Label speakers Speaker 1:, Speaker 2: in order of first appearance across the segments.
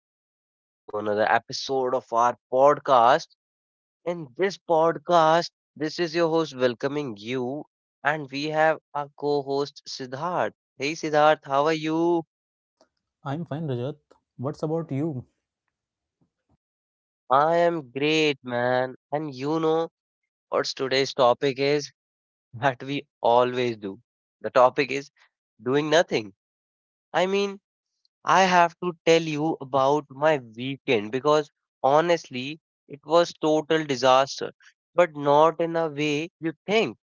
Speaker 1: Welcome back to another episode of our podcast. In this podcast, this is your host welcoming you, and we have our co host Siddharth. Hey, Siddharth, how are you?
Speaker 2: I'm fine, Rajat. What's about you?
Speaker 1: I am great, man. And you know what's today's topic is that we always do. The topic is doing nothing. I mean, I have to tell you about my weekend because honestly, it was total disaster, but not in a way you think.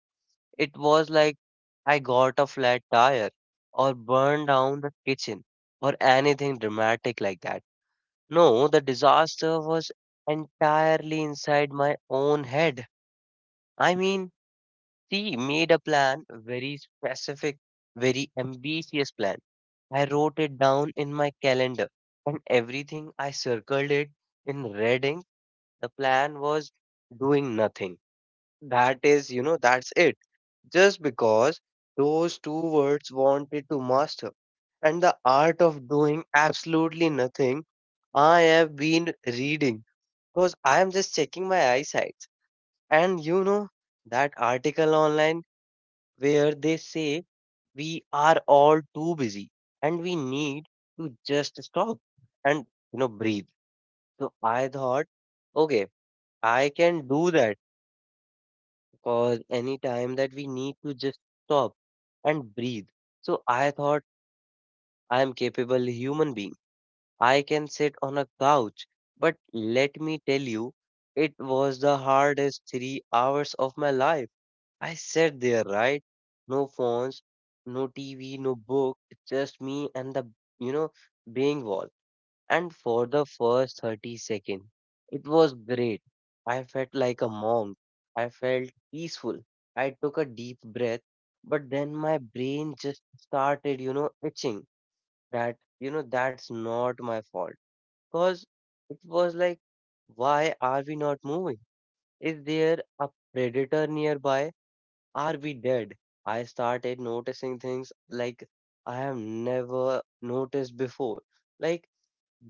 Speaker 1: It was like I got a flat tire or burned down the kitchen or anything dramatic like that. No, the disaster was entirely inside my own head. I mean, she made a plan, very specific, very ambitious plan. I wrote it down in my calendar and everything. I circled it in red ink. The plan was doing nothing. That is, that's it. Just because those two words wanted to master. And the art of doing absolutely nothing, I have been reading because I am just checking my eyesight. And you know, that article online where they say we are all too busy and we need to just stop and breathe. So I thought, okay, I can do that. Because any time that we need to just stop and breathe. So I thought I am capable human being. I can sit on a couch, but let me tell you, it was the hardest 3 hours of my life. I sat there, right? No phones, no TV, no book, just me and the, you know, being wall. And for the first 30 seconds, it was great. I felt like a monk. I felt peaceful. I took a deep breath, but then my brain just started, itching. That, that's not my fault. Because it was like, why are we not moving? Is there a predator nearby? Are we dead? I started noticing things like I have never noticed before. Like,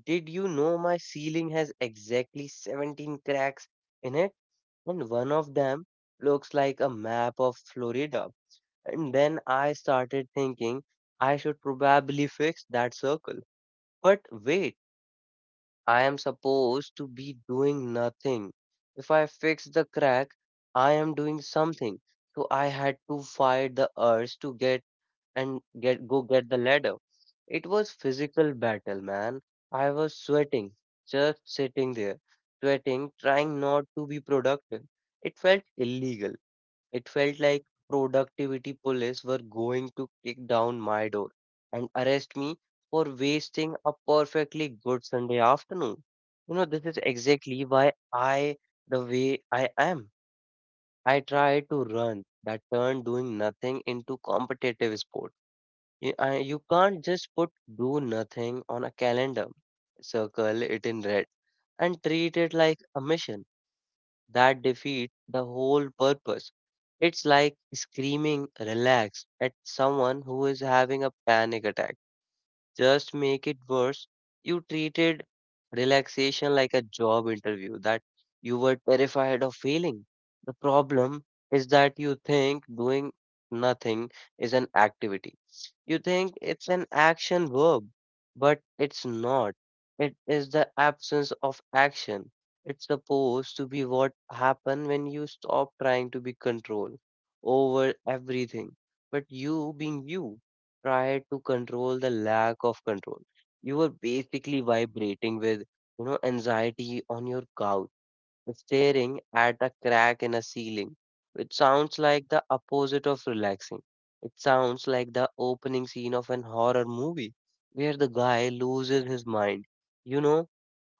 Speaker 1: did you know my ceiling has exactly 17 cracks in it? And one of them looks like a map of Florida. And then I started thinking I should probably fix that circle. But wait. I am supposed to be doing nothing. If I fix the crack, I am doing something. So I had to fight the urge to get and get go get the ladder. It was physical battle, man. I was sweating, just sitting there, sweating, trying not to be productive. It felt illegal, it felt like productivity police were going to kick down my door and arrest me for wasting a perfectly good Sunday afternoon. You know, this is exactly why I, the way I am. I try to run that turn doing nothing into competitive sport. You can't just put do nothing on a calendar, circle it in red, and treat it like a mission that defeats the whole purpose. It's like screaming relax at someone who is having a panic attack, just make it worse, you treated relaxation like a job interview that you were terrified of failing. The problem is that you think doing nothing is an activity. You think it's an action verb, but it's not. It is the absence of action. It's supposed to be what happens when you stop trying to be control over everything, but you being you try to control the lack of control. You were basically vibrating with, anxiety on your couch, staring at a crack in a ceiling, which sounds like the opposite of relaxing. It sounds like the opening scene of an horror movie where the guy loses his mind. You know,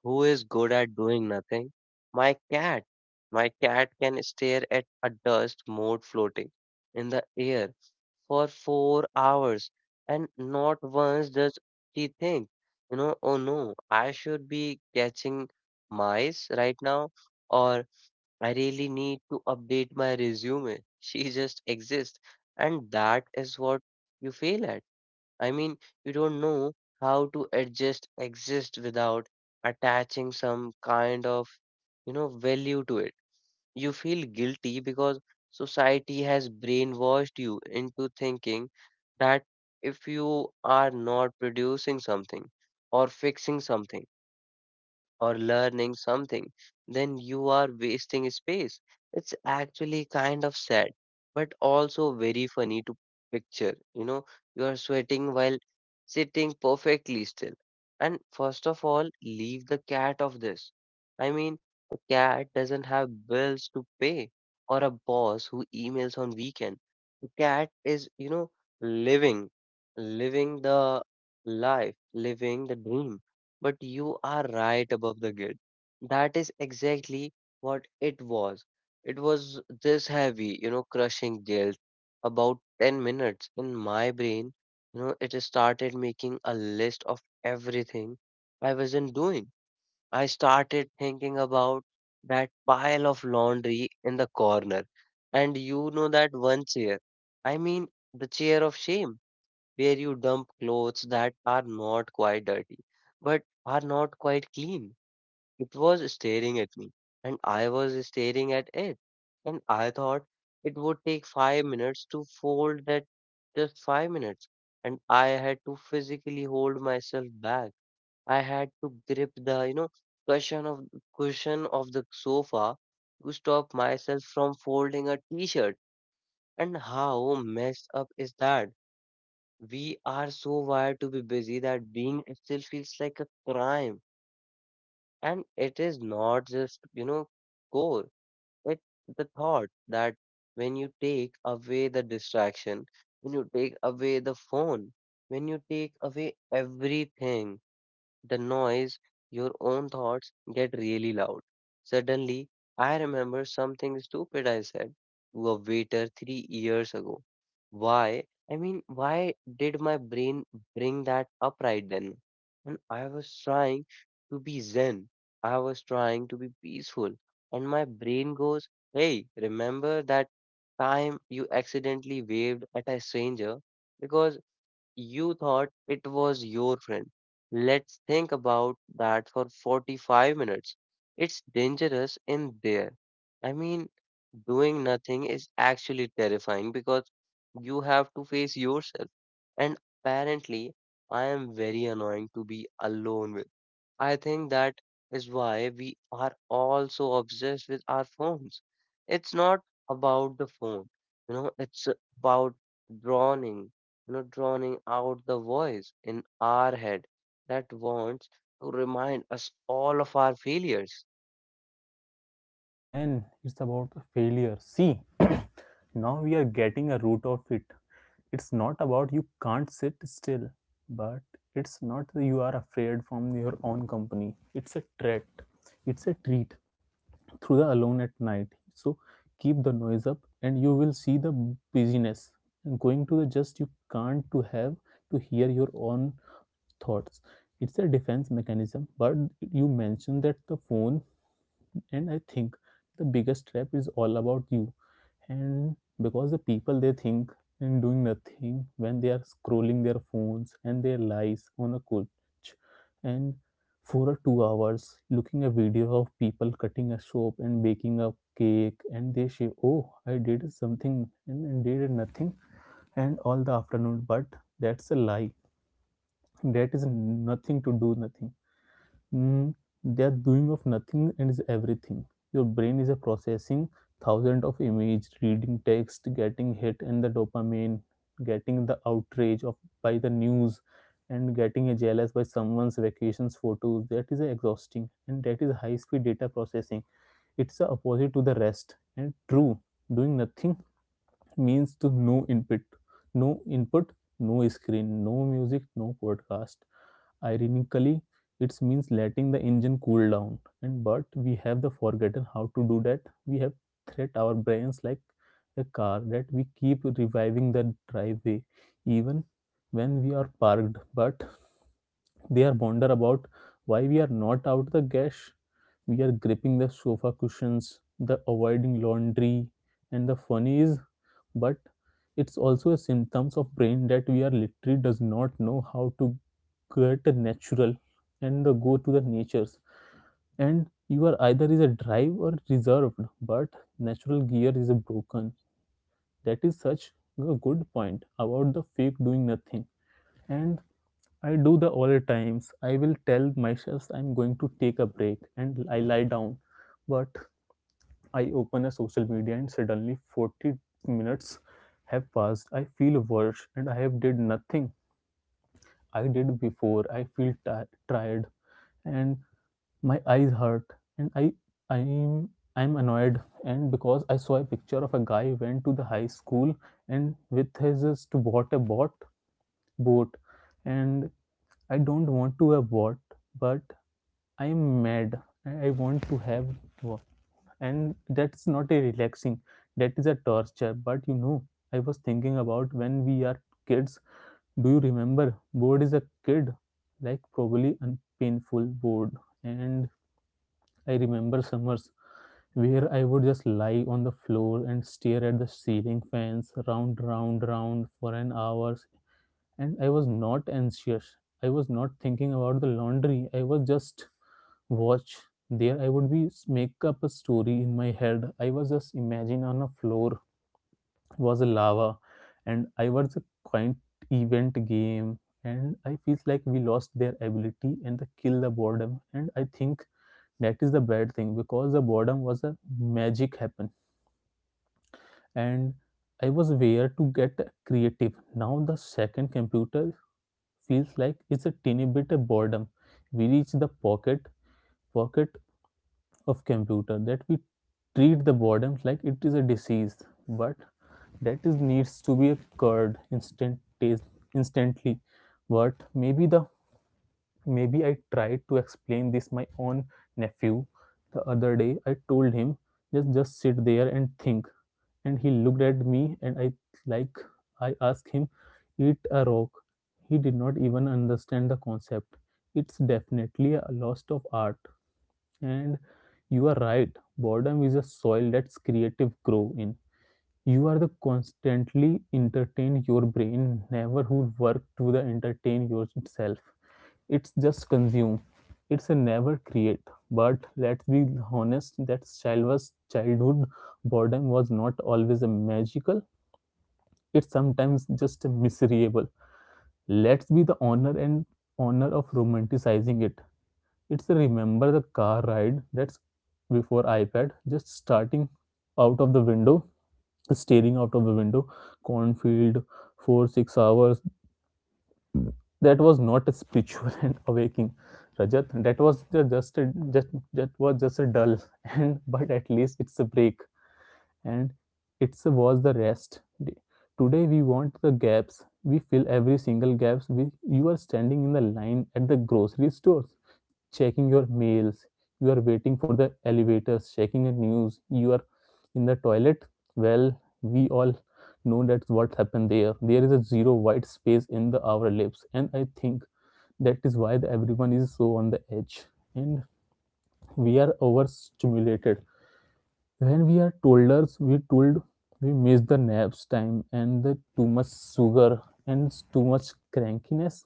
Speaker 1: who is good at doing nothing? My cat. My cat can stare at a dust mote floating in the air for 4 hours and not once does he think, oh no, I should be catching mice right now or I really need to update my resume. She just exists. And that is what you fail at. I mean, you don't know how to adjust exist without attaching some kind of, value to it. You feel guilty because society has brainwashed you into thinking that if you are not producing something or fixing something, or learning something, then you are wasting space. It's actually kind of sad, but also very funny to picture. You know, you are sweating while sitting perfectly still. And first of all, leave the cat of this. I mean, a cat doesn't have bills to pay or a boss who emails on weekend. The cat is, living, living the life, living the dream, but you are right above the guilt. That is exactly what it was. It was this heavy, crushing guilt. About 10 minutes in my brain, it started making a list of everything I wasn't doing. I started thinking about that pile of laundry in the corner. And you know that one chair. I mean, the chair of shame where you dump clothes that are not quite dirty, but are not quite clean. It was staring at me, and I was staring at it. And I thought it would take 5 minutes to fold that, just 5 minutes. And I had to physically hold myself back. I had to grip the, cushion of cushion of the sofa to stop myself from folding a t-shirt. And how messed up is that? We are so wired to be busy that being still feels like a crime. And it is not just, core. It's the thought that when you take away the distraction, when you take away the phone, when you take away everything, the noise, your own thoughts get really loud. Suddenly, I remember something stupid I said to a waiter three years ago. Why? I mean, why did my brain bring that up right then? And I was trying to be zen, I was trying to be peaceful, and my brain goes, hey, remember that time you accidentally waved at a stranger? Because you thought it was your friend. Let's think about that for 45 minutes. It's dangerous in there. I mean, doing nothing is actually terrifying because you have to face yourself. And apparently, I am very annoying to be alone with. I think that is why we are all so obsessed with our phones. It's not about the phone, it's about drowning, drowning out the voice in our head that wants to remind us all of our failures.
Speaker 2: Ah, man, it's about failure. See, now we are getting a root of it. It's not about you can't sit still, but it's not you are afraid from your own company. It's a threat. It's a treat through the alone at night. So keep the noise up and you will see the busyness. And going to the just you can't to have to hear your own thoughts. It's a defense mechanism, but you mentioned that the phone, and I think the biggest trap is all about you and because the people they think and doing nothing when they are scrolling their phones and their lies on a couch and for a 2 hours looking a video of people cutting a soap and baking a cake and they say oh I did something and did nothing and all the afternoon but that's a lie that is nothing to do nothing Mm, they are doing of nothing and is everything. Your brain is a processing thousand of image, reading text, getting hit and the dopamine, getting the outrage of by the news, and getting a jealous by someone's vacations photos. That is a exhausting, and that is high speed data processing. It's the opposite to the rest. And true, doing nothing means to no input, no screen, no music, no podcast. Ironically, it means letting the engine cool down. And but we have the forgotten how to do that. We have threat our brains like a car that we keep reviving the driveway even when we are parked, but they are wonder about why we are not out the gash. We are gripping the sofa cushions, the avoiding laundry, and the funny is but it's also a symptoms of brain that we are literally does not know how to get a natural and the go to the natures and you are either is a drive or reserved but natural gear is a broken that is such a good point about the fake doing nothing and I do the all times I will tell myself I'm going to take a break and I lie down but I open a social media and suddenly 40 minutes have passed. I feel worse and I have did nothing I did before. I feel tired and my eyes hurt and I'm I'm annoyed and because I saw a picture of a guy went to the high school and with his just bought a bot boat and I don't want to have what, but I am mad. I want to have what. And that's not a relaxing, that is a torture. But you know, I was thinking about when we are kids. Do you remember? Board is a kid, like probably unpainful board. And I remember summers where I would just lie on the floor and stare at the ceiling fans round, round, round for an hour and I was not anxious. I was not thinking about the laundry. I was just watch. There I would be make up a story in my head. I was just imagine on a floor was a lava and I was a quite event game and I feels like we lost their ability and the kill the boredom and I think that is the bad thing because the boredom was a magic happen and I was aware to get creative. Now the second computer feels like it's a teeny bit of boredom. We reach the pocket of computer that we treat the boredom like it is a disease, but that is needs to be cured instant taste instantly. But maybe the Maybe I tried to explain this my own nephew the other day. I told him just sit there and think. And he looked at me and I like I asked him eat a rock. He did not even understand the concept. It's definitely a loss of art. And you are right. Boredom is a soil that's creative grow in. You are the constantly entertain your brain, never who work to the entertain yourself. It's just consume. It's a never create. But let's be honest that Shalva's childhood boredom was not always a magical. It's sometimes just a miserable. Let's be the honor and honor of romanticizing it. It's a remember the car ride that's before iPad, just starting out of the window staring out of the window, cornfield, for 6 hours. That was not a spiritual and awakening, Rajat. That was just that was just a dull and but at least it's a break and it was the rest day. Today we want the gaps. We fill every single gaps. We you are standing in the line at the grocery stores checking your mails, you are waiting for the elevators, checking the news, you are in the toilet. Well, we all know that's what happened there. There is a zero white space in the our lips, and I think that is why the, everyone is so on the edge, and we are overstimulated. When we are toddlers, we told we miss the naps time and the too much sugar and too much crankiness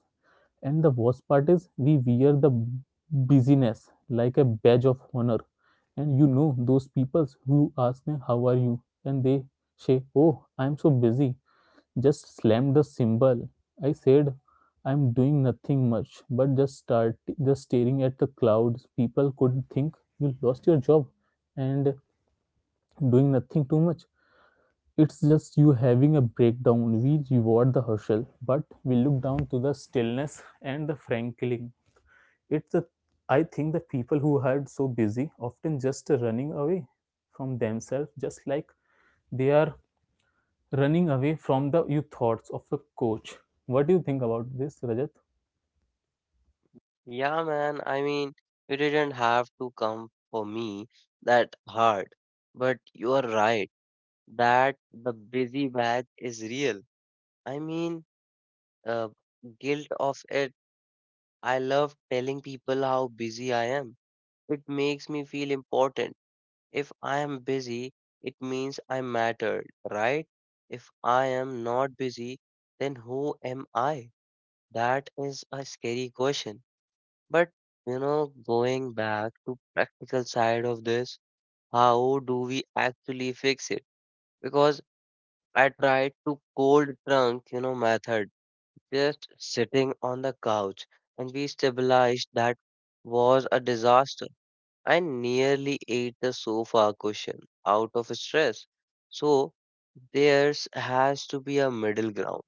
Speaker 2: and the worst part is, we wear the busyness like a badge of honor. And you know, those people who ask me, How are you? And they say, Oh, I'm so busy. Just slammed the symbol. I said, I'm doing nothing much, but just staring at the clouds. People could think you lost your job and doing nothing too much. It's just you having a breakdown. We reward the hustle, but we look down to the stillness and the frankly it's a, I think the people who are so busy often just running away from themselves, just like they are running away from the you thoughts of a coach. What do you think about this, Rajat?
Speaker 1: Yeah, man, I mean, you didn't have to come for me that hard, but you are right that the busy bag is real. I mean, uh, guilt of it. I love telling people how busy I am. It makes me feel important. If I am busy, it means I matter, right? If I am not busy, then who am I? That is a scary question. But you know, going back to practical side of this, how do we actually fix it? Because I tried to cold trunk, method just sitting on the couch, and we stabilized that was a disaster. I nearly ate the sofa cushion out of stress. So there's has to be a middle ground.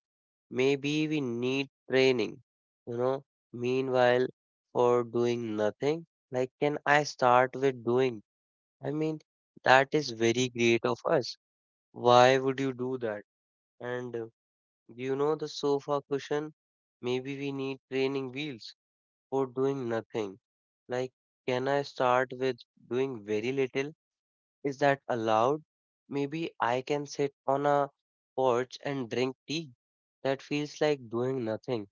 Speaker 1: Maybe we need training, you know. Meanwhile, for doing nothing, like can I start with doing? I mean, that is very great of us. Why would you do that? And you know the sofa cushion? Maybe we need training wheels for doing nothing. Like, can I start with doing very little? Is that allowed? Maybe I can sit on a porch and drink tea. That feels like doing nothing,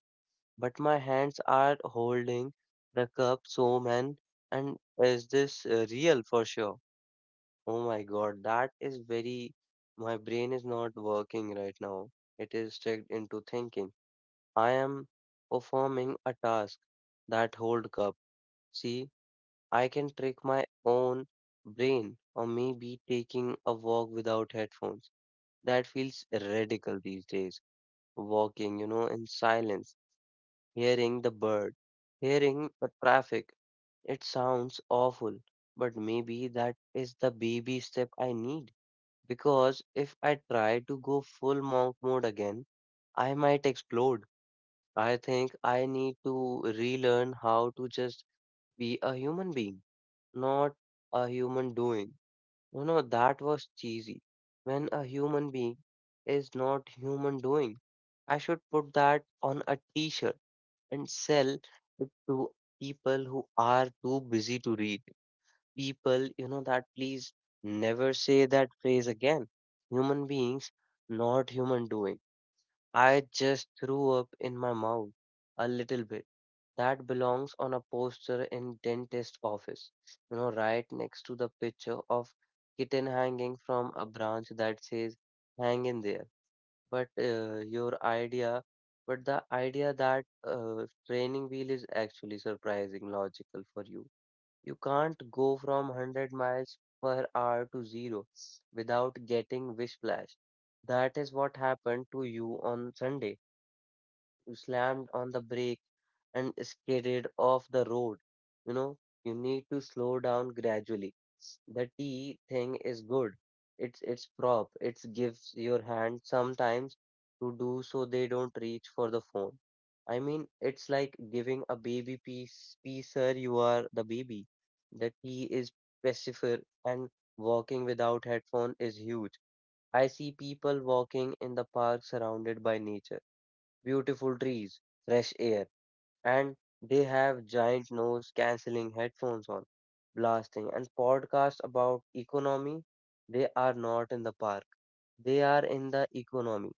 Speaker 1: but my hands are holding the cup, so man, and is this real for sure? Oh my god, that is very my brain is not working right now. It is stuck into thinking. I am performing a task that hold cup. See, I can trick my own brain, or maybe taking a walk without headphones. That feels radical these days. Walking, in silence, hearing the bird, hearing the traffic. It sounds awful, but maybe that is the baby step I need. Because if I try to go full monk mode again, I might explode. I think I need to relearn how to just be a human being, not a human doing. You know, that was cheesy. When a human being is not human doing, I should put that on a t-shirt and sell it to people who are too busy to read. People, that please never say that phrase again. Human beings, not human doing. I just threw up in my mouth a little bit. That belongs on a poster in dentist office, you know, right next to the picture of kitten hanging from a branch that says hang in there. but uh, your idea but the idea that training wheel is actually surprising logical for you. You can't go from 100 miles per hour to zero without getting whiplash. That is what happened to you on Sunday. You slammed on the brake and skated off the road. You know, you need to slow down gradually. The T thing is good. It's prop. It gives your hand sometimes to do so they don't reach for the phone. I mean, it's like giving a baby piece, piece, sir, you are the baby. The T is pacifier, and walking without headphone is huge. I see people walking in the park surrounded by nature, beautiful trees, fresh air, and they have giant nose cancelling headphones on, blasting, and podcasts about economy. They are not in the park, they are in the economy.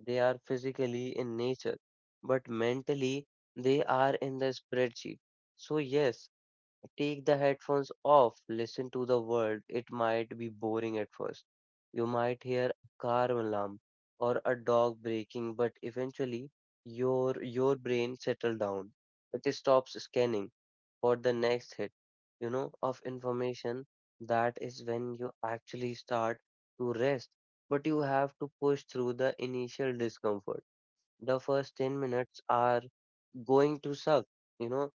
Speaker 1: They are physically in nature, but mentally they are in the spreadsheet. So, yes, take the headphones off, listen to the world. It might be boring at first. You might hear a car alarm or a dog breaking, but eventually your brain settles down. It stops scanning for the next hit, you know, of information. That is when you actually start to rest. But you have to push through the initial discomfort. The first 10 minutes are going to suck, you know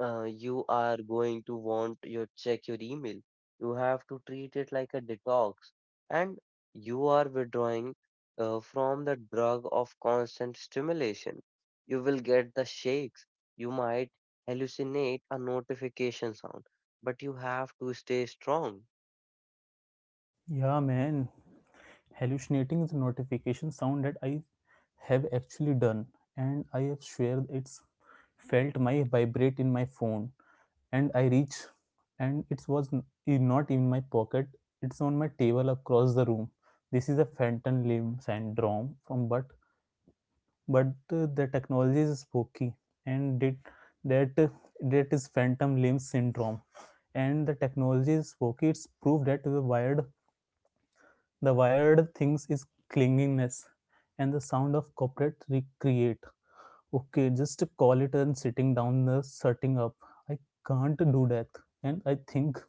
Speaker 1: you are going to want your check your email. You have to treat it like a detox, and you are withdrawing from the drug of constant stimulation. You will get the shakes. You might hallucinate a notification sound, but you have to stay strong.
Speaker 2: Yeah, man. Hallucinating is a notification sound that I have actually done, and I have shared it's felt my vibrate in my phone and I reach, and it was not in my pocket. It's on my table across the room. This is a phantom limb syndrome from but the technology is spooky and it, that that is phantom limb syndrome and the technology is spooky. It's proof that the wired things is clinginess and the sound of corporate recreate. Okay, just call it and sitting down the setting up. I can't do that. And I think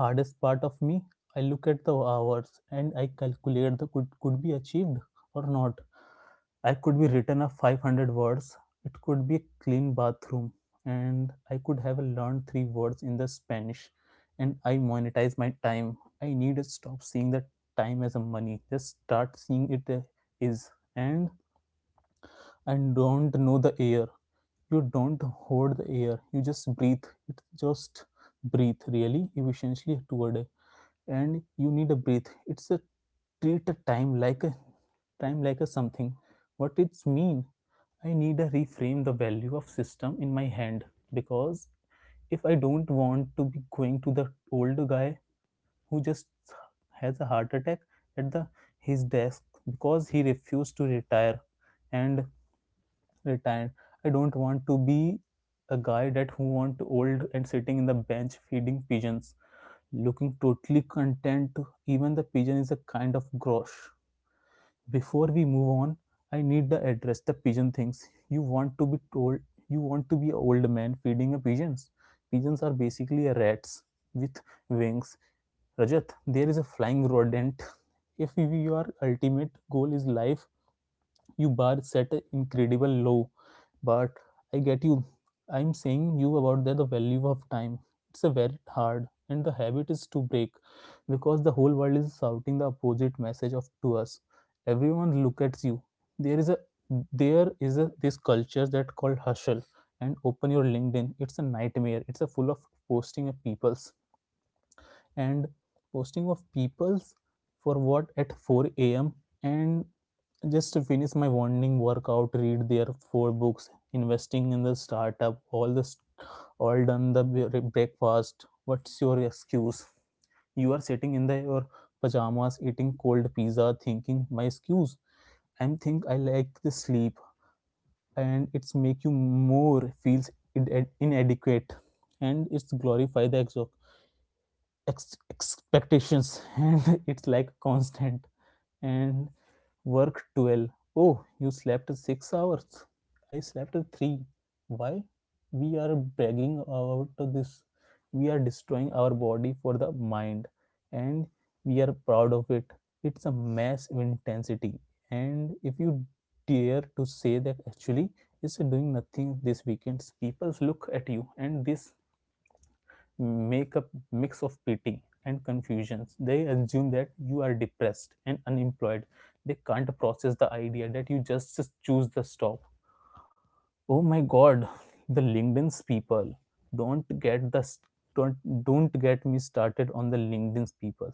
Speaker 2: hardest part of me I look at the hours and I calculate the could be achieved or not I could be written a 500 words it could be a clean bathroom and I could have learned three words in the spanish and I monetize my time I need to stop seeing the time as a money just start seeing it is. And I don't know the air you don't hold the air you just breathe it just breathe really efficiently toward a and you need a breath it's a treat a time like a something what it's mean I need a reframe the value of system in my hand because if I don't want to be going to the old guy who just has a heart attack at the his desk because he refused to retire and retired. I don't want to be a guy that who want old and sitting in the bench feeding pigeons, looking totally content. Even the pigeon is a kind of grosh. Before we move on, I need the address the pigeon thinks. You want to be told you want to be an old man feeding a pigeons. Pigeons are basically rats with wings. Rajat, there is a flying rodent. If your ultimate goal is life, you bar set an incredible low but I get you I'm saying you about the value of time it's a very hard and the habit is to break because the whole world is shouting the opposite message of to us everyone look at you there is a there is a this culture that called hustle and open your LinkedIn it's a nightmare it's a full of posting of peoples and posting of peoples for what at 4 a.m. and just to finish my morning workout read their four books investing in the startup all this all done the breakfast what's your excuse you are sitting in the your pajamas eating cold pizza thinking my excuse I think I like the sleep and it's make you more feels inadequate and it's glorify the expectations and it's like constant and worked 12. Oh, you slept 6 hours. I slept 3. Why? We are bragging about this. We are destroying our body for the mind and we are proud of it. It's a mass of intensity. And if you dare to say that actually it's doing nothing this weekend, people look at you and this make a mix of pity and confusions. They assume that you are depressed and unemployed. They can't process the idea that you just choose the stop. Oh my God, the LinkedIn's people. Don't get the st- don't don't get me started on the LinkedIn's people.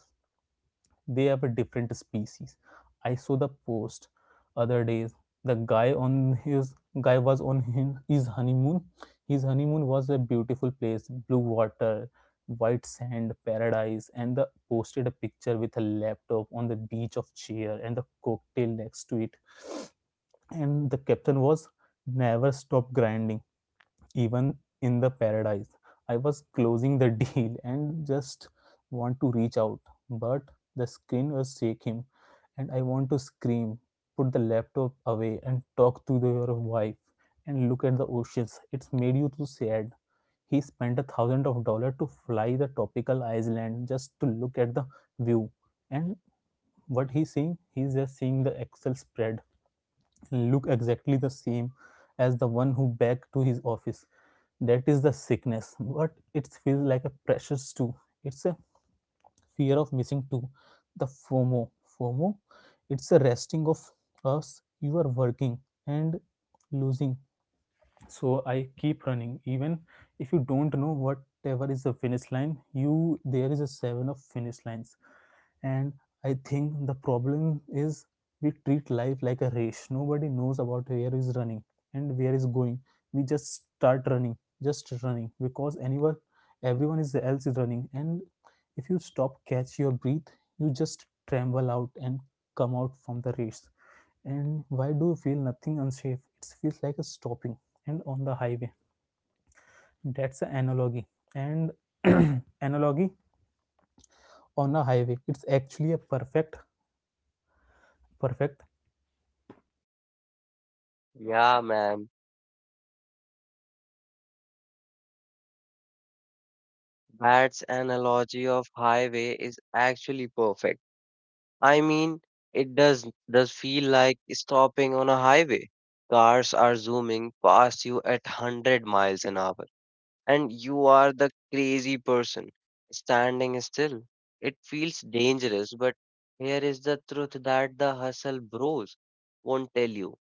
Speaker 2: They have a different species. I saw the post other days. The guy on his guy was on his honeymoon. His honeymoon was a beautiful place, blue water, white sand paradise, and the posted a picture with a laptop on the beach of chair and the cocktail next to it. And the caption was never stop grinding even in the paradise. I was closing the deal and just want to reach out, but the screen was shaking and I want to scream, put the laptop away and talk to the, your wife and look at the oceans. It's made you too sad. He spent 1,000 of dollar to fly the tropical island just to look at the view. And what he's seeing, he's just seeing the Excel spread look exactly the same as the one who back to his office. That is the sickness, but it feels like a pressure too. It's a fear of missing too. The fomo fomo. It's a resting of us. You are working and losing, so I keep running even if you don't know whatever is the finish line. You there is a seven of finish lines. And I think the problem is we treat life like a race. Nobody knows about where is running and where is going. We just start running, just running because anyone everyone is else is running. And if you stop catch your breath, you just tremble out and come out from the race. And why do you feel nothing unsafe? It feels like a stopping and on the highway. That's an analogy. And analogy on a highway. It's actually a perfect, perfect.
Speaker 1: Yeah, man. That's analogy of highway is actually perfect. I mean, it does feel like stopping on a highway. Cars are zooming past you at 100 miles an hour, and you are the crazy person standing still. It feels dangerous, but here is the truth that the hustle bros won't tell you.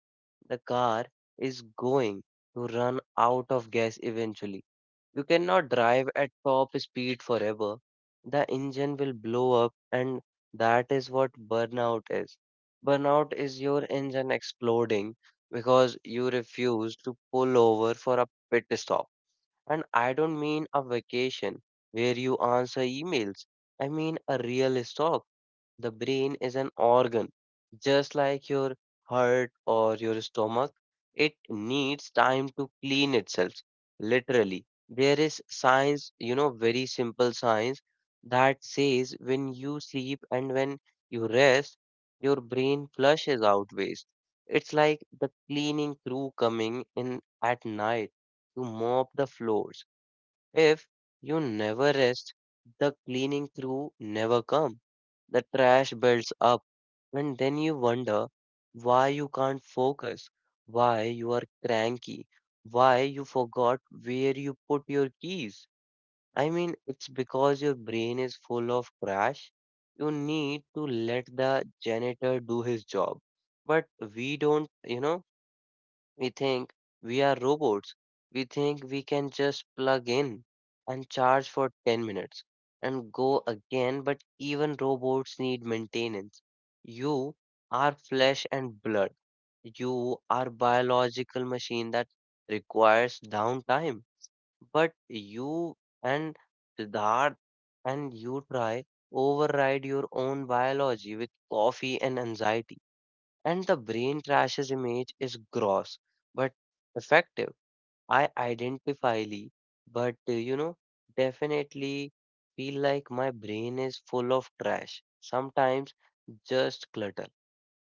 Speaker 1: The car is going to run out of gas eventually. You cannot drive at top speed forever. The engine will blow up, and that is what burnout is. Burnout is your engine exploding because you refuse to pull over for a pit stop. And I don't mean a vacation where you answer emails, I mean a real stop. The brain is an organ, just like your heart or your stomach. It needs time to clean itself, literally. There is science, you know, very simple science that says when you sleep and when you rest, your brain flushes out waste. It's like the cleaning crew coming in at night to mop the floors. If you never rest, the cleaning crew never come. The trash builds up, and then you wonder why you can't focus, why you are cranky, why you forgot where you put your keys. I mean, it's because your brain is full of trash. You need to let the janitor do his job. But we don't, you know, we think we are robots. We think we can just plug in and charge for 10 minutes and go again, but even robots need maintenance. You are flesh and blood. You are biological machine that requires downtime. But you and Siddharth and you try override your own biology with coffee and anxiety, and the brain trashes image is gross but effective. I identifyly, but you know, definitely feel like my brain is full of trash. Sometimes just clutter.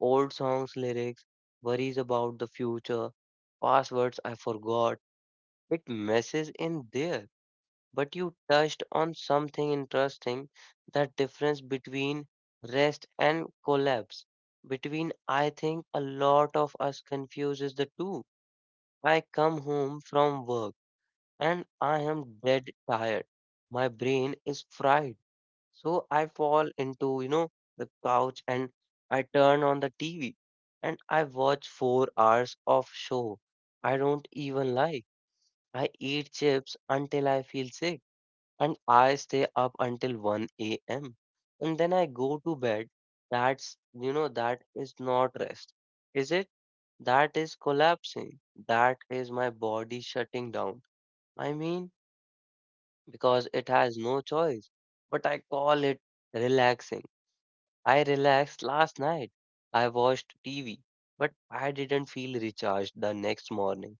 Speaker 1: Old songs lyrics, worries about the future, passwords I forgot. It messes in there, but you touched on something interesting, the difference between rest and collapse. Between, I think a lot of us confuses the two. I come home from work and I am dead tired. My brain is fried. So I fall into, you know, the couch and I turn on the TV and I watch 4 hours of show. I don't even like. I eat chips until I feel sick and I stay up until 1 a.m. and then I go to bed. That's, you know, that is not rest, is it? That is collapsing. That is my body shutting down. I mean, because it has no choice, but I call it relaxing. I relaxed last night. I watched TV, but I didn't feel recharged the next morning.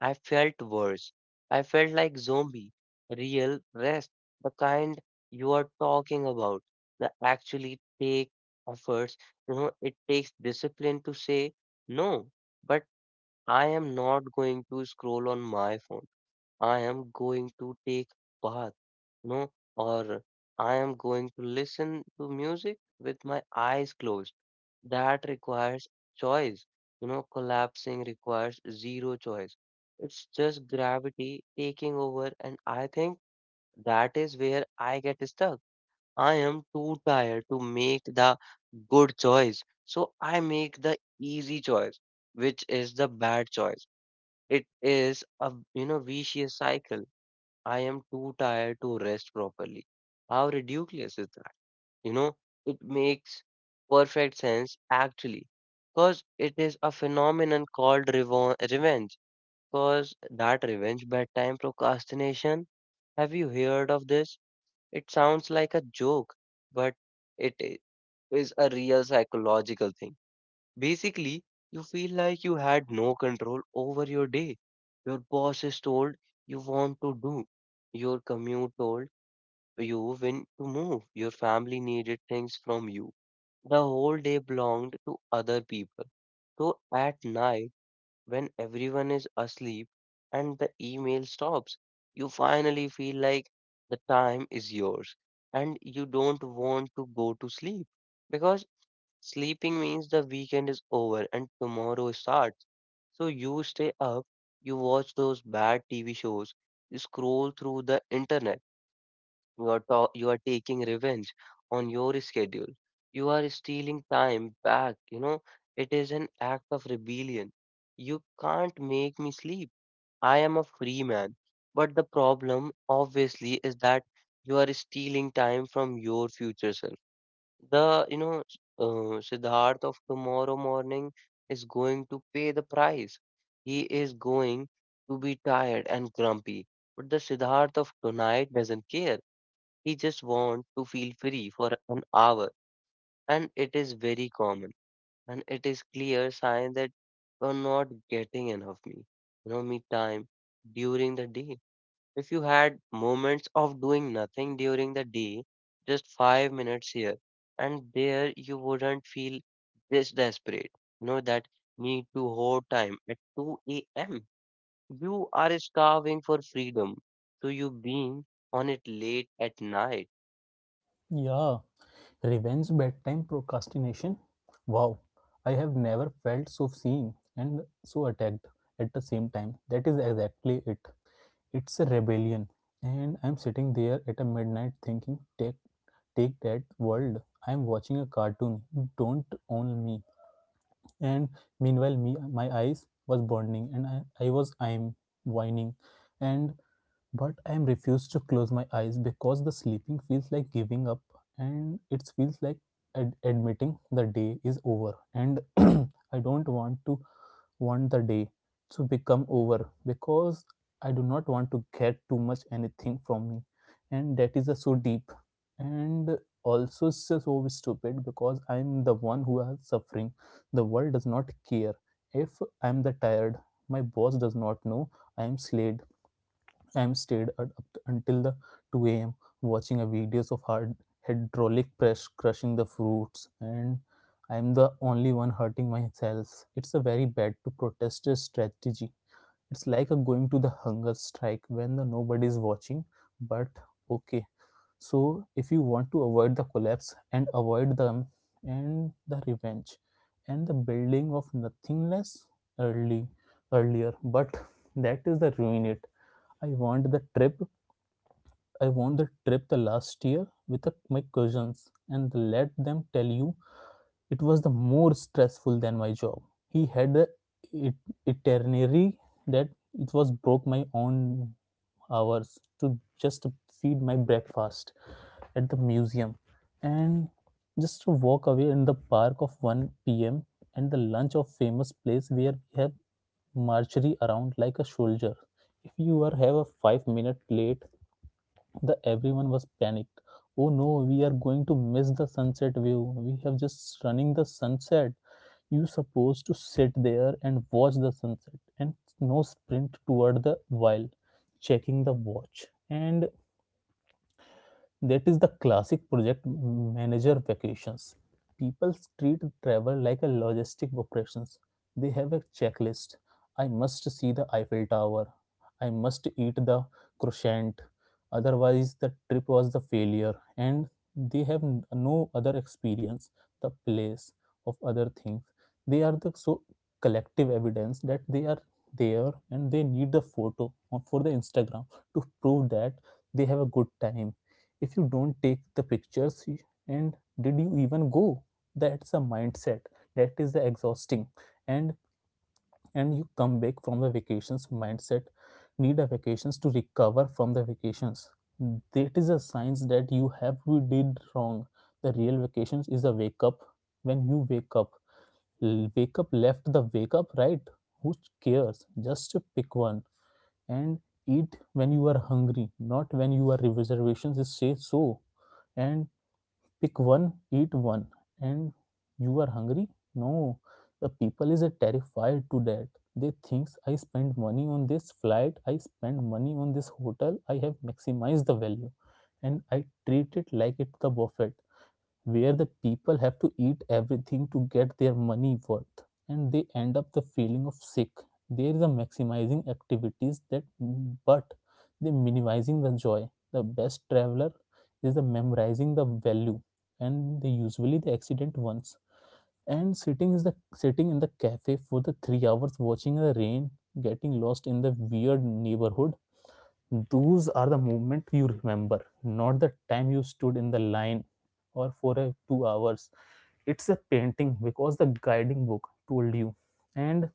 Speaker 1: I felt worse. I felt like zombie. Real rest, the kind you are talking about, that actually take efforts. You know, it takes discipline to say no, but I am not going to scroll on my phone. I am going to take bath, no, or I am going to listen to music with my eyes closed. That requires choice. You know, collapsing requires zero choice. It's just gravity taking over, and I think that is where I get stuck. I am too tired to make the good choice, so I make the easy choice, which is the bad choice. It is a, you know, vicious cycle. I am too tired to rest properly. How ridiculous is that? You know, it makes perfect sense actually, because it is a phenomenon called revenge. Because that revenge bedtime procrastination, have you heard of this? It sounds like a joke, but it i- is a real psychological thing. Basically, you feel like you had no control over your day. Your boss is told you want to do. Your commute told you when to move. Your family needed things from you. The whole day belonged to other people. So at night, when everyone is asleep and the email stops, you finally feel like the time is yours and you don't want to go to sleep because sleeping means the weekend is over and tomorrow starts. So you stay up, you watch those bad TV shows, you scroll through the internet, you are taking revenge on your schedule. You are stealing time back, you know. It is an act of rebellion. You can't make me sleep. I am a free man. But the problem, obviously, is that you are stealing time from your future self. The, you know, s- Siddharth of tomorrow morning is going to pay the price. He is going to be tired and grumpy. But the Siddharth of tonight doesn't care. He just wants to feel free for an hour. And it is very common. And it is clear sign that you're not getting enough me. You know, me time during the day. If you had moments of doing nothing during the day, just 5 minutes here and there, you wouldn't feel this desperate. You know, that need to hoard time at 2 a.m. You are starving for freedom. So you being on it late at night.
Speaker 2: Yeah. Revenge, bedtime, procrastination. Wow. I have never felt so seen and so attacked at the same time. That is exactly it. It's a rebellion. And I'm sitting there at a midnight thinking, take that world. I'm watching a cartoon. Don't own me. And meanwhile me, my eyes was burning and I'm whining and but I am refused to close my eyes because the sleeping feels like giving up, and it feels like admitting the day is over, and I don't want to want the day to become over because I do not want to get too much anything from me, and that is so deep and also so stupid because I'm the one who is suffering. The world does not care if I'm the tired. My boss does not know I am slayed. I'm stayed at up until the 2 a.m. watching a videos of hard hydraulic press crushing the fruits, and I'm the only one hurting myself. It's a very bad to protest strategy. It's like a going to the hunger strike when the nobody is watching, but okay. So if you want to avoid the collapse and avoid them and the revenge and the building of nothingness early earlier, but that is the ruin it. I want the trip I won the trip the last year with a- my cousins and let them tell you it was the more stressful than my job. He had the itinerary that it was broke my own hours to just feed my breakfast at the museum and just to walk away in the park of 1 p.m. and the lunch of famous place where we have marchery around like a soldier. If you are have a 5 minute late, the everyone was panicked. Oh no, we are going to miss the sunset view. We have just running the sunset. You supposed to sit there and watch the sunset and no sprint toward the while checking the watch. And that is the classic project manager vacations. People treat travel like a logistic operations. They have a checklist. I must see the Eiffel Tower. I must eat the croissant, otherwise, the trip was the failure. And they have no other experience, the place of other things. They are the so collective evidence that they are there, and they need the photo on- for the Instagram to prove that they have a good time. If you don't take the pictures, and did you even go? That's a mindset that is the exhausting, and you come back from the vacations mindset need a vacations to recover from the vacations. That is a sign that you have you did wrong. The real vacations is a wake up when you wake up, wake up left, the wake up right, who cares, just pick one and eat when you are hungry, not when you are reservations is say so. And pick one, eat one, and you are hungry? No, the people is terrified to that. They thinks I spend money on this flight, I spend money on this hotel, I have maximized the value, and I treat it like it's the buffet where the people have to eat everything to get their money worth, and they end up the feeling of sick. There is a maximizing activities that, but they minimizing the joy. The best traveler is the memorizing the value, and they usually the accident ones, and sitting is the sitting in the cafe for the 3 hours watching the rain, getting lost in the weird neighborhood. Those are the moment you remember, not the time you stood in the line or for a, 2 hours. It's a painting because the guiding book told you. And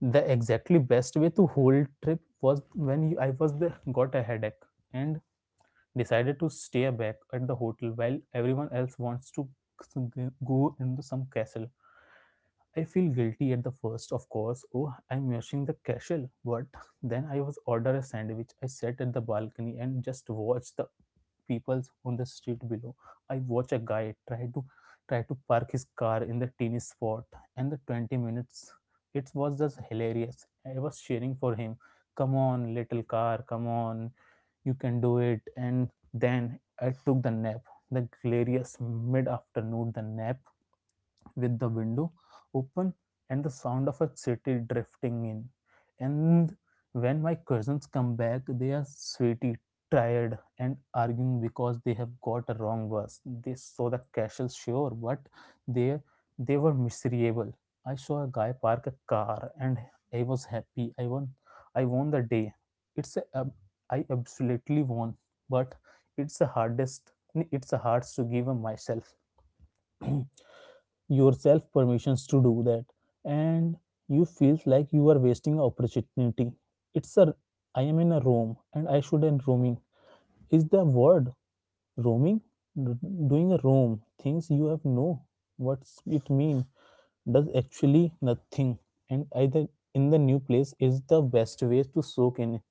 Speaker 2: the exactly best way to whole trip was when I was there, got a headache and decided to stay back at the hotel while everyone else wants to go into some castle. I feel guilty at the first, of course. Oh, I'm rushing the castle. But then I was ordered a sandwich. I sat at the balcony and just watched the people on the street below. I watch a guy try to park his car in the teeny spot, and the 20 minutes it was just hilarious. I was cheering for him. Come on, little car, come on, you can do it. And then I took the nap, the glorious mid-afternoon the nap, with the window open and the sound of a city drifting in. And when my cousins come back, they are sweaty, tired, and arguing because they have got a wrong verse. They saw the castle, sure, but they they were miserable. I saw a guy park a car, and I was happy. I won. I won the day. It's a I absolutely won, but it's the hardest. It's the hardest to give myself yourself permissions to do that, and you feel like you are wasting opportunity. It's a I am in a room and I should end roaming. Is the word roaming doing a roam things you have no what's it mean, does actually nothing, and either in the new place is the best way to soak in.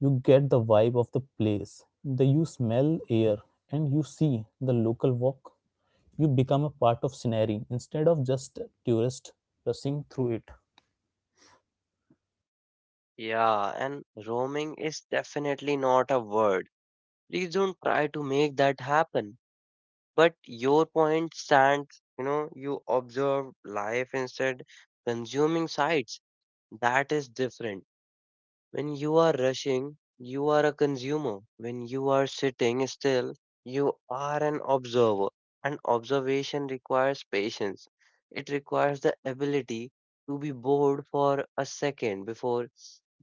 Speaker 2: You get the vibe of the place. The you smell air, and you see the local walk. You become a part of scenery instead of just a tourist rushing through it.
Speaker 1: Yeah, and roaming is definitely not a word. Please don't try to make that happen. But your point stands, you know, you observe life instead consuming sites. That is different. When you are rushing, you are a consumer. When you are sitting still, you are an observer. And observation requires patience. It requires the ability to be bored for a second before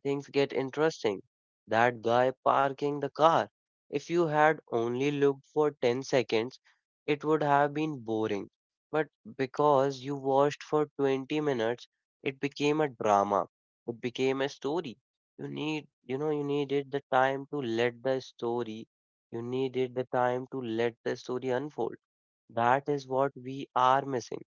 Speaker 1: things get interesting. That guy parking the car, if you had only looked for 10 seconds, it would have been boring. But because you watched for 20 minutes, it became a drama. It became a story. You need you know you needed the time to let the story You needed the time to let the story unfold. That is what we are missing.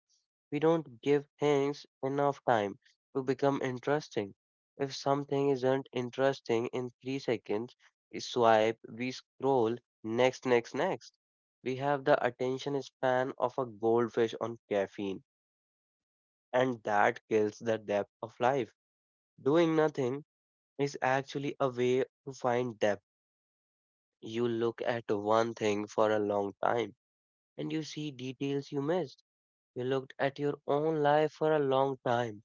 Speaker 1: We don't give things enough time to become interesting. If something isn't interesting in 3 seconds, we swipe, we scroll, next, next, next. We have the attention span of a goldfish on caffeine, and that kills the depth of life. Doing nothing is actually a way to find depth. You look at one thing for a long time and you see details you missed. You looked at your own life for a long time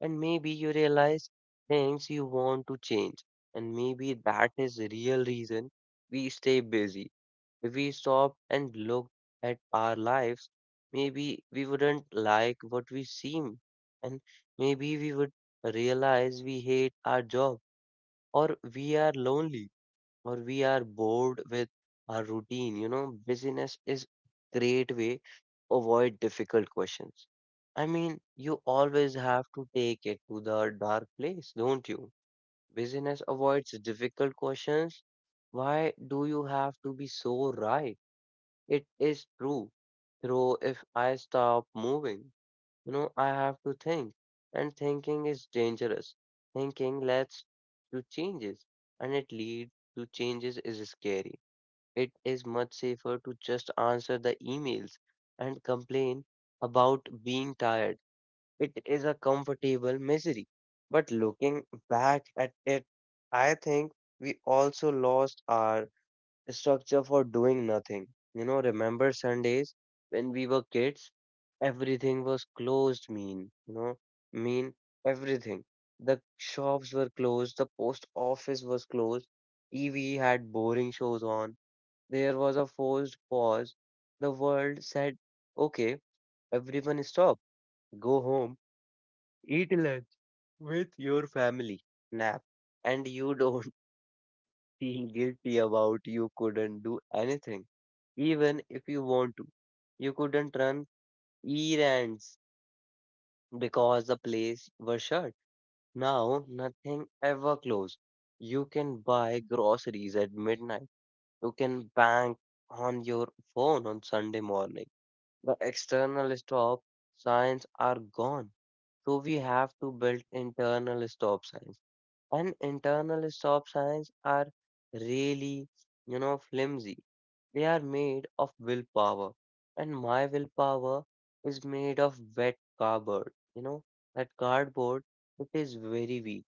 Speaker 1: and maybe you realize things you want to change. And maybe that is the real reason we stay busy. If we stopped and looked at our lives, maybe we wouldn't like what we seem. And maybe we would realize we hate our job or we are lonely or we are bored with our routine. You know, busyness is great way to avoid difficult questions. I mean, you always have to take it to the dark place, don't you? Busyness avoids difficult questions. Why do you have to be so right? It is true. Though if I stop moving. You know, I have to think, and thinking is dangerous. Thinking leads to changes, and it leads to changes is scary. It is much safer to just answer the emails and complain about being tired. It is a comfortable misery. But looking back at it, I think we also lost our structure for doing nothing. You know, remember Sundays when we were kids? Everything was closed, mean, you know, mean everything. The shops were closed, the post office was closed, TV had boring shows on. There was a forced pause. The world said, okay, everyone stop, go home, eat lunch with your family, nap, and you don't feeling guilty about you couldn't do anything, even if you want to. You couldn't run errands because the place was shut. Now nothing ever closed. You can buy groceries at midnight. You can bank on your phone on Sunday morning. The external stop signs are gone. So we have to build internal stop signs. And internal stop signs are really, flimsy. They are made of willpower, and my willpower is made of wet cardboard. You know, that cardboard, it is very weak,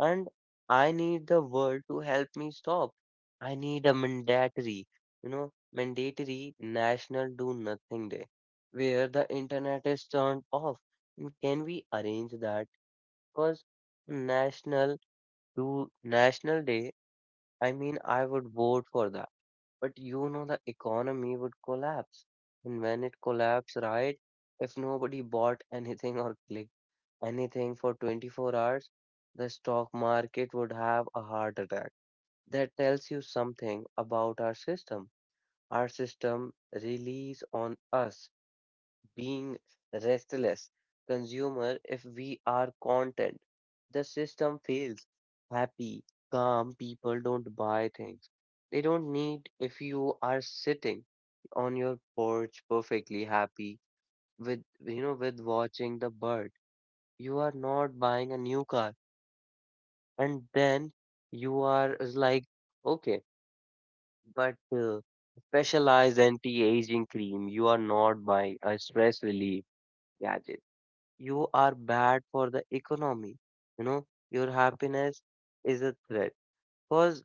Speaker 1: and I need the world to help me stop. I need a mandatory, mandatory national do nothing day where the internet is turned off. And can we arrange that? Because national national day, I mean, I would vote for that, but you know, the economy would collapse. And when it collapsed, right, if nobody bought anything or clicked anything for 24 hours, the stock market would have a heart attack. That tells you something about our system. Our system relies on us being restless consumer if we are content. The system fails. Happy, calm people don't buy things. They don't need if you are sitting on your porch perfectly happy with with watching the bird. You are not buying a new car. And then you are is like okay, but specialized anti-aging cream, you are not buying a stress relief gadget, you are bad for the economy. You know, your happiness is a threat. Because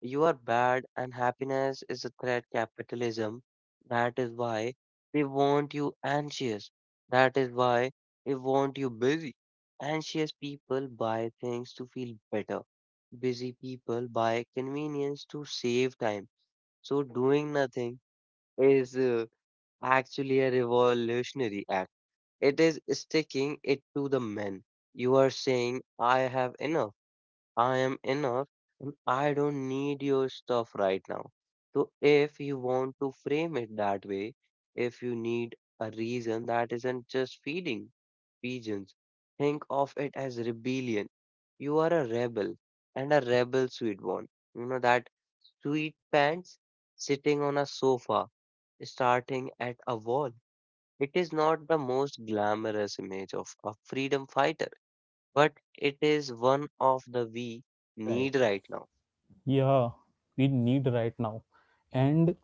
Speaker 1: you are bad and happiness is a threat, capitalism. That is why they want you anxious. That is why they want you busy. Anxious people buy things to feel better. Busy people buy convenience to save time. So doing nothing is actually a revolutionary act. It is sticking it to the men. You are saying, I have enough, I am enough, and I don't need your stuff right now. So, if you want to frame it that way, if you need a reason that isn't just feeding pigeons, think of it as rebellion. You are a rebel, and a rebel, sweet one. You know that sweet pants sitting on a sofa, starting at a wall. It is not the most glamorous image of a freedom fighter, but it is one of the we need right now.
Speaker 2: Yeah, we need right now. And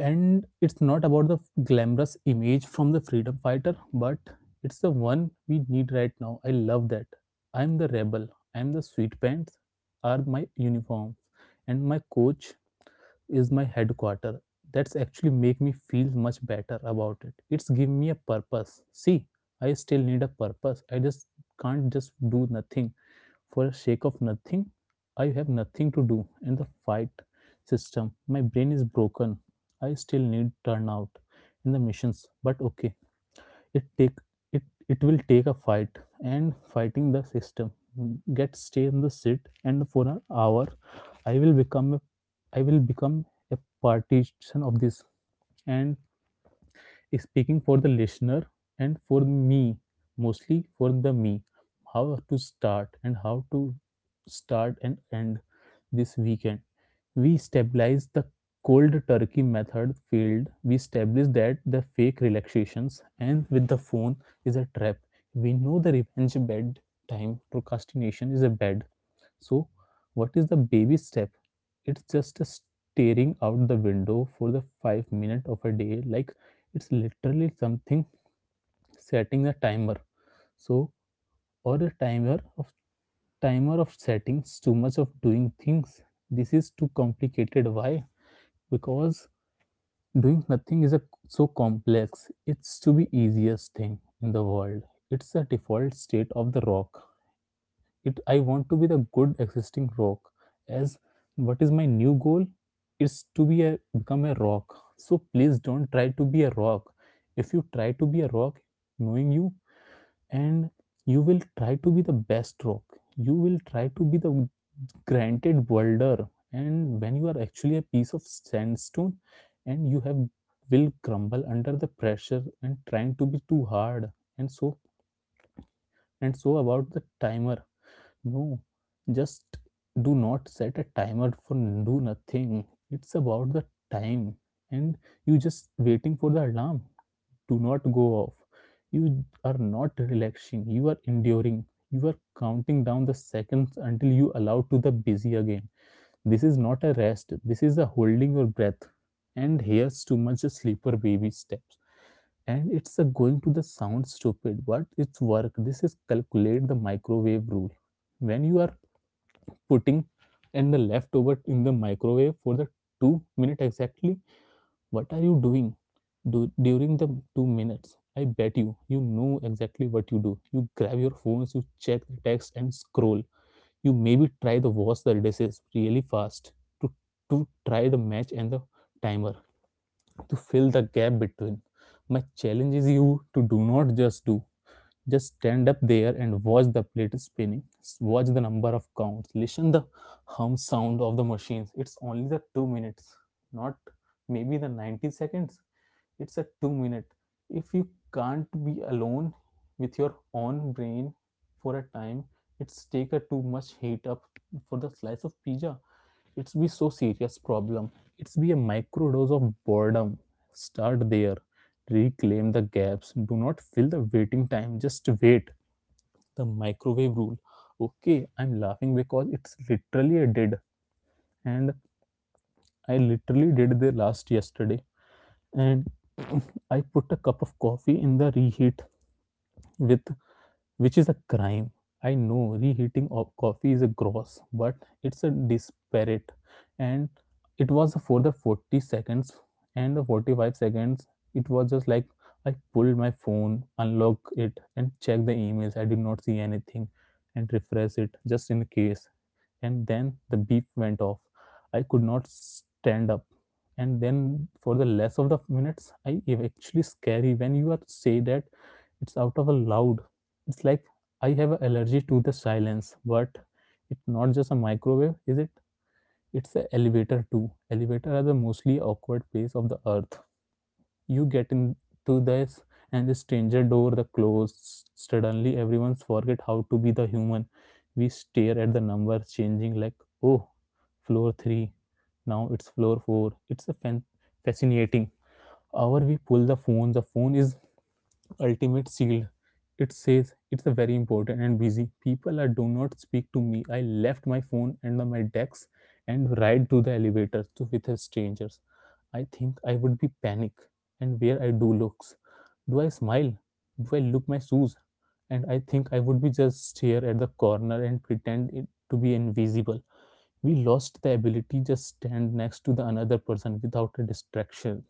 Speaker 2: it's not about the glamorous image from the freedom fighter, but it's the one we need right now. I love that. I'm the rebel. I'm the sweet pants are my uniform, and my coach is my headquarter. That's actually make me feel much better about it. It's give me a purpose. See, I still need a purpose. I just can't just do nothing for the sake of nothing. I have nothing to do and the fight system. My brain is broken. I still need turnout in the missions, but okay. It take it will take a fight and fighting the system. Get stay in the seat and for an hour I will become a I will become a partition of this, and speaking for the listener and for me, mostly for the me, how to start and end this weekend. We stabilize the cold turkey method field. We establish that the fake relaxations and with the phone is a trap. We know the revenge bed time procrastination is a bed. So what is the baby step? It's just a staring out the window for the 5 minutes of a day. Like it's literally something setting a timer. So or a timer of settings. Too much of doing things. This is too complicated. Why? Because doing nothing is a so complex. It's to be easiest thing in the world. It's the default state of the rock. It i want to be the good existing rock. As what is my new goal is to be a become a rock. So please don't try to be a rock. If you try to be a rock, knowing you, and you will try to be the best rock. You will try to be the granted boulder, and when you are actually a piece of sandstone and you have will crumble under the pressure and trying to be too hard. And so and so about the timer. No, just do not set a timer for do nothing. It's about the time, and you just waiting for the alarm. Do not go off. You are not relaxing. You are enduring. You are counting down the seconds until you allow to the busy again. This is not a rest. This is a holding your breath. And here's too much a sleeper baby steps. And it's a going to the sound stupid, but it's work. This is calculate the microwave rule when you are putting and the leftover in the microwave for the 2 minutes exactly? What are you doing during the 2 minutes? I bet you know exactly what you do. You grab your phones, you check the text and scroll. You maybe try to wash the dishes really fast to to try the match and the timer to fill the gap between. My challenge is you to do not just do, just stand up there and watch the plate spinning, watch the number of counts, listen the hum sound of the machines. It's only the 2 minutes, not maybe the 90 seconds. It's a 2 minute. If you can't be alone with your own brain for a time, it's take a too much heat up for the slice of pizza. It's be so serious problem. It's be a microdose of boredom. Start there. Reclaim the gaps. Do not fill the waiting time, just wait. The microwave rule. Okay, I'm laughing because it's literally a did, and I literally did the last yesterday. And I put a cup of coffee in the reheat with, which is a crime. I know reheating of coffee is a gross, but it's a disparate. And it was for the 40 seconds and the 45 seconds. It was just like I pulled my phone, unlocked it, and checked the emails. I did not see anything and refresh it just in case. And then the beep went off. I could not stand up. And then for the less of the minutes, I actually scary when you are say that it's out of a loud. It's like I have an allergy to the silence. But it's not just a microwave, is it? It's an elevator too. Elevator are the mostly awkward place of the earth. You get into this and the stranger door the close, suddenly everyone forget how to be the human. We stare at the numbers changing like, oh, floor 3, now it's floor 4, it's fascinating. Hour we pull the phone, the phone is ultimate shield. It says it's a very important and busy. People are do not speak to me. I left my phone and my decks and ride to the elevator to with strangers. I think I would be panic and where I do looks. Do I smile? Do I look my shoes? And I think I would be just stare at the corner and pretend it to be invisible. We lost the ability just stand next to the another person without a distraction.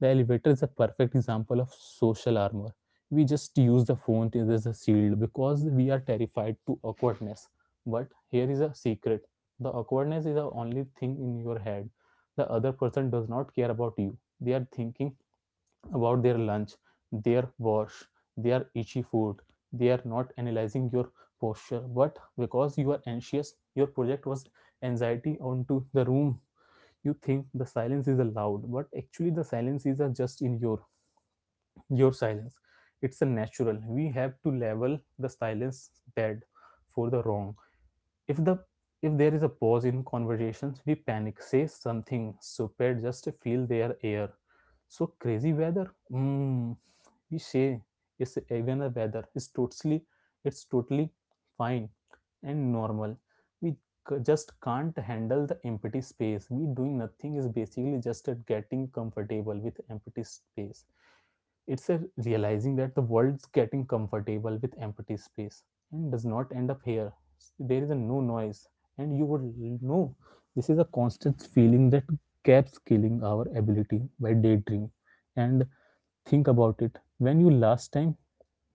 Speaker 2: The elevator is a perfect example of social armor. We just use the phone as a shield because we are terrified to awkwardness. But here is a secret. The awkwardness is the only thing in your head. The other person does not care about you. They are thinking about their lunch, their wash, their itchy food. They are not analyzing your posture. But because you are anxious, your project was anxiety onto the room. You think the silence is allowed, but actually the silences are just in your silence. It's a natural. We have to level the silence bad for the wrong. If the, if there is a pause in conversations, we panic, say something stupid just to feel their air. So crazy weather, we say, is even the weather is totally, it's totally fine and normal. We just can't handle the empty space. We doing nothing is basically just at getting comfortable with empty space. It's a realizing that the world's getting comfortable with empty space and does not end up here. There is a no noise, and you would know this is a constant feeling that keeps killing our ability by daydream. And think about it, when you last time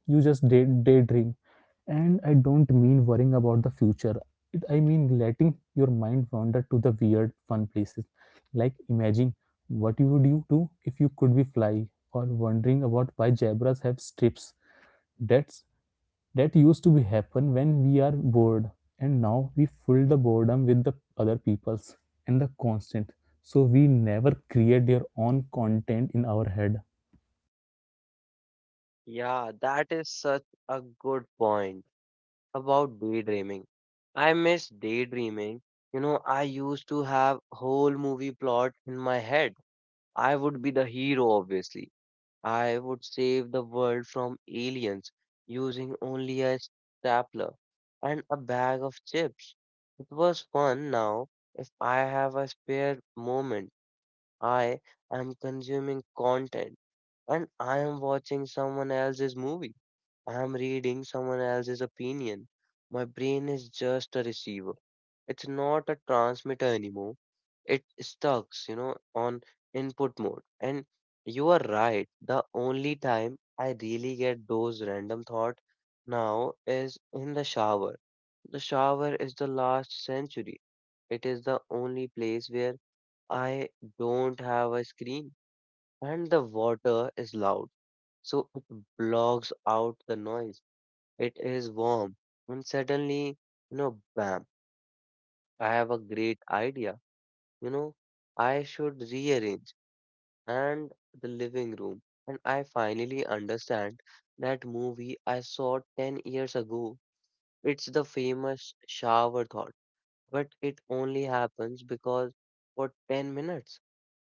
Speaker 2: you just daydream. And I don't mean worrying about the future. I mean letting your mind wander to the weird fun places. Like imagine what you would you do if you could be fly, or wondering about why zebras have strips. That's, that used to be happen when we are bored, and now we fill the boredom with the other people's and the constant, so we never create their own content in our head.
Speaker 1: Yeah, that is such a good point about daydreaming. I miss daydreaming. You know, I used to have whole movie plot in my head. I would be the hero, obviously. I would save the world from aliens using only a stapler and a bag of chips. It was fun now. If I have a spare moment, I am consuming content, and I am watching someone else's movie. I am reading someone else's opinion. My brain is just a receiver. It's not a transmitter anymore. It stucks, on input mode. And you are right. The only time I really get those random thought now is in the shower. The shower is the last century. It is the only place where I don't have a screen and the water is loud. So it blocks out the noise. It is warm. And suddenly, bam, I have a great idea. You know, I should rearrange and the living room. And I finally understand that movie I saw 10 years ago. It's the famous shower thought, but it only happens because for 10 minutes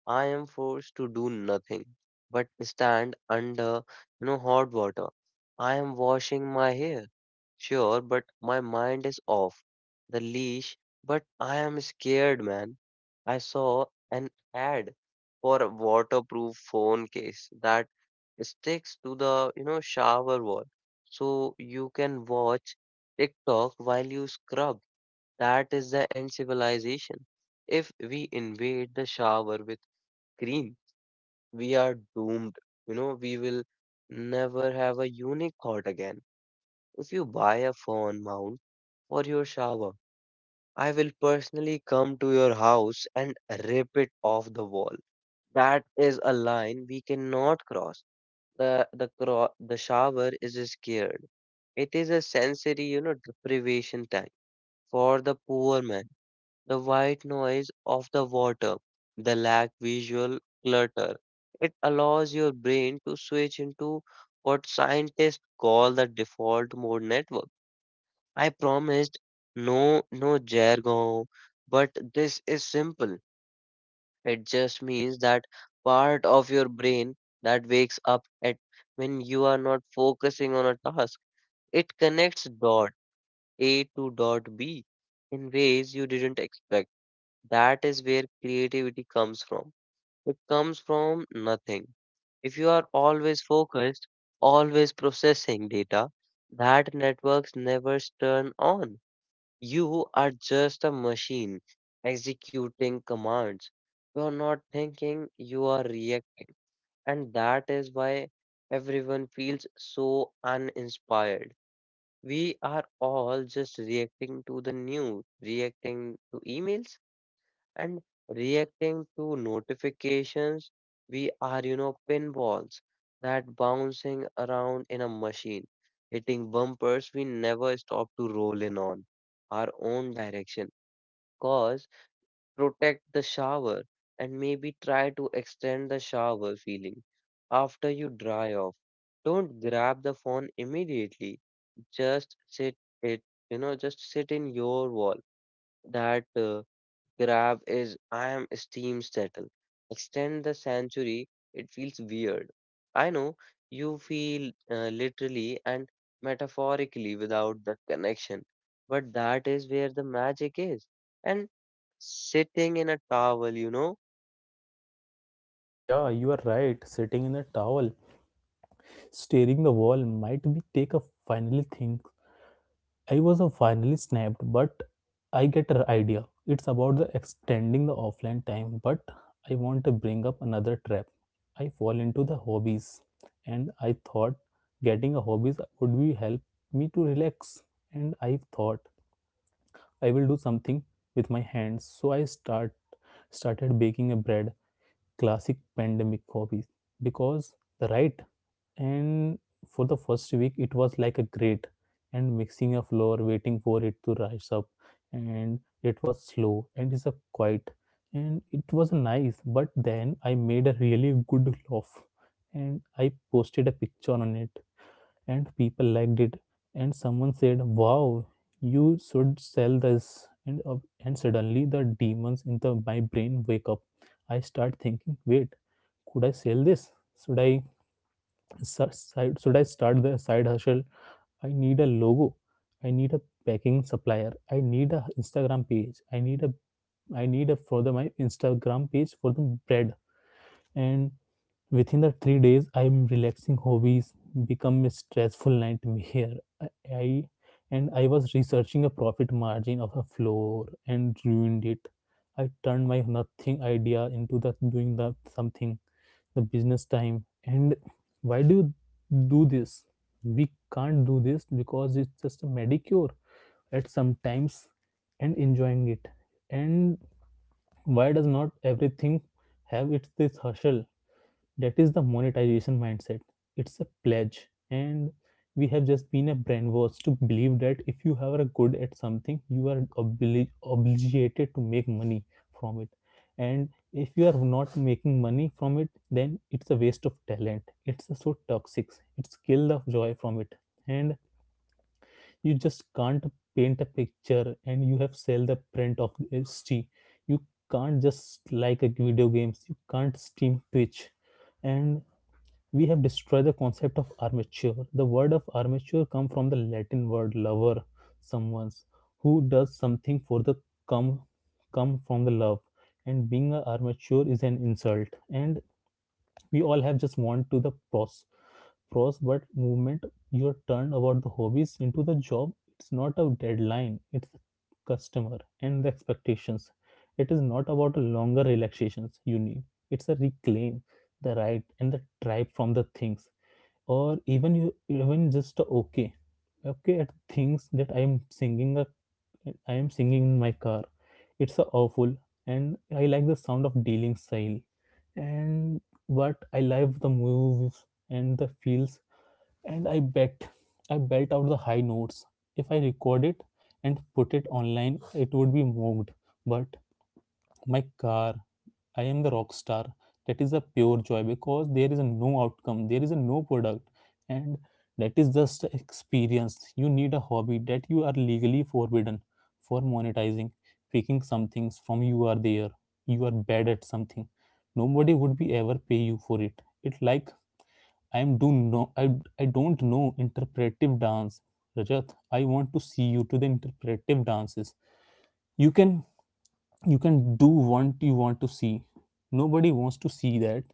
Speaker 1: I am forced to do nothing but stand under, hot water. I am washing my hair, sure, but my mind is off the leash, but I am scared, man. I saw an ad for a waterproof phone case that sticks to the, shower wall. So you can watch TikTok while you scrub. That is the end civilization. If we invade the shower with cream, we are doomed. You know, we will never have a unique thought again. If you buy a phone mount for your shower, I will personally come to your house and rip it off the wall. That is a line we cannot cross. The shower is scared. It is a sensory, deprivation tank for the poor man. The white noise of the water, the lack visual clutter. It allows your brain to switch into what scientists call the default mode network. I promised no jargon, but this is simple. It just means that part of your brain that wakes up at when you are not focusing on a task. It connects dot A to dot B in ways you didn't expect. That is where creativity comes from. It comes from nothing. If you are always focused, always processing data, that networks never turn on. You are just a machine executing commands. You are not thinking, you are reacting. And that is why everyone feels so uninspired. We are all just reacting to the news, reacting to emails, and reacting to notifications. We are, pinballs that bouncing around in a machine, hitting bumpers we never stop to roll in on our own direction cause protect the shower and maybe try to extend the shower feeling after you dry off. Don't grab the phone immediately. Just sit it, just sit in your wall that grab is I am steam settle. Extend the century, it feels weird. I know you feel literally and metaphorically without the connection, but that is where the magic is. And sitting in a towel, you know,
Speaker 2: Yeah, you are right. Sitting in a towel, staring the wall might be take a finally think. I was a finally snapped, but I get an idea. It's about the extending the offline time, but I want to bring up another trap. I fall into the hobbies, and I thought getting a hobbies would be help me to relax. And I thought I will do something with my hands, so I start started baking a bread, classic pandemic hobbies, because the right. And for the first week it was like a grate and mixing a floor waiting for it to rise up, and it was slow and it's a quiet, and it was nice. But then I made a really good loaf, and I posted a picture on it, and people liked it, and someone said, wow, you should sell this. And suddenly the demons in the my brain wake up. I start thinking, wait, could I sell this? Should I should I start the side hustle? I need a logo. I need a packing supplier. I need a Instagram page. I need a for the my Instagram page for the bread. And within the 3 days, I'm relaxing hobbies become a stressful nightmare. I, I and I was researching a profit margin of a floor and ruined it. I turned my nothing idea into the doing the something, the business time. And why do you do this? We can't do this because it's just a medicure at some times and enjoying it. And why does not everything have its this hustle? That is the monetization mindset. It's a pledge, and we have just been a brainwashed to believe that if you are a good at something, you are obligated to make money from it. And if you are not making money from it, then it's a waste of talent. It's so toxic. It's kill the joy from it. And you just can't paint a picture and you have sell the print of st. You can't just like a video games, you can't stream twitch. And we have destroyed the concept of armature. The word of armature comes from the Latin word lover, someone who does something for the come come from the love. And being an armature is an insult. And we all have just want to the pros but movement. Your turn about the hobbies into the job, it's not a deadline, it's the customer and the expectations. It is not about longer relaxations you need, it's a reclaim the right and the tribe from the things. Or even you even just a okay at things. That I am singing a, I am singing in my car. It's a awful, and I like the sound of dealing style. And but I love the moves and the feels. And I bet I belt out the high notes. If I record it and put it online, it would be mocked. But my car, I am the rock star. That is a pure joy because there is a no outcome, there is a no product, and that is just a experience. You need a hobby that you are legally forbidden for monetizing, picking some things from you are there. You are bad at something. Nobody would be ever pay you for it. It like I'm do no I I don't know interpretive dance, Rajat. I want to see you to the interpretive dances. You can you can do what you want to see. Nobody wants to see that.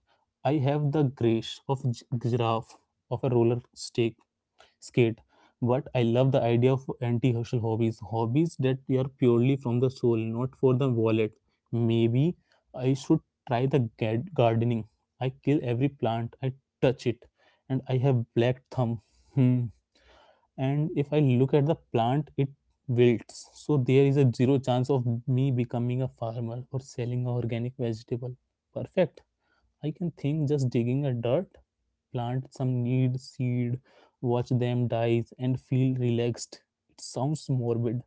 Speaker 2: I have the grace of giraffe of a roller stick skate. But I love the idea of anti-hustle hobbies, hobbies that are purely from the soul, not for the wallet. Maybe I should try the gardening. I kill every plant I touch it, and I have black thumb. Hmm. And if I look at the plant, it wilts. So there is a zero chance of me becoming a farmer or selling organic vegetable. Perfect. I can think just digging a dirt, plant some need seed, watch them die, and feel relaxed. It sounds morbid,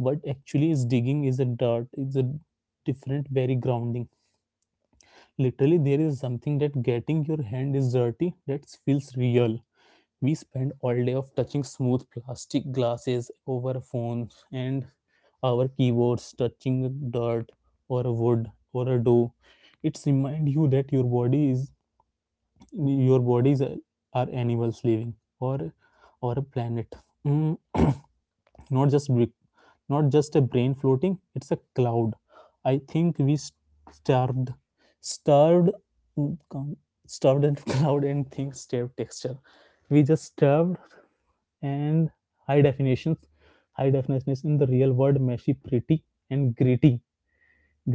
Speaker 2: but actually, is digging is a dirt is a different, very grounding. Literally, there is something that getting your hand is dirty that feels real. We spend all day of touching smooth plastic glasses over phones and our keyboards, touching dirt or a wood or a dough. It's remind you that your body is your bodies are animals living or or a planet. Mm, not just brick- not just a brain floating it's a cloud. I think starved starved mm, com- starved and cloud and things starved texture. We just starved. And high definitions, high definitions in the real world meshy pretty and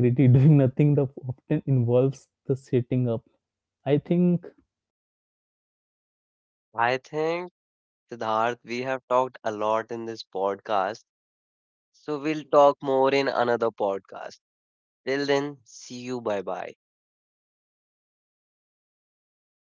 Speaker 2: gritty doing nothing that often involves the setting up, I think
Speaker 1: I think Siddharth, we have talked a lot in this podcast, so we'll talk more in another podcast. Till then, see you. Bye bye.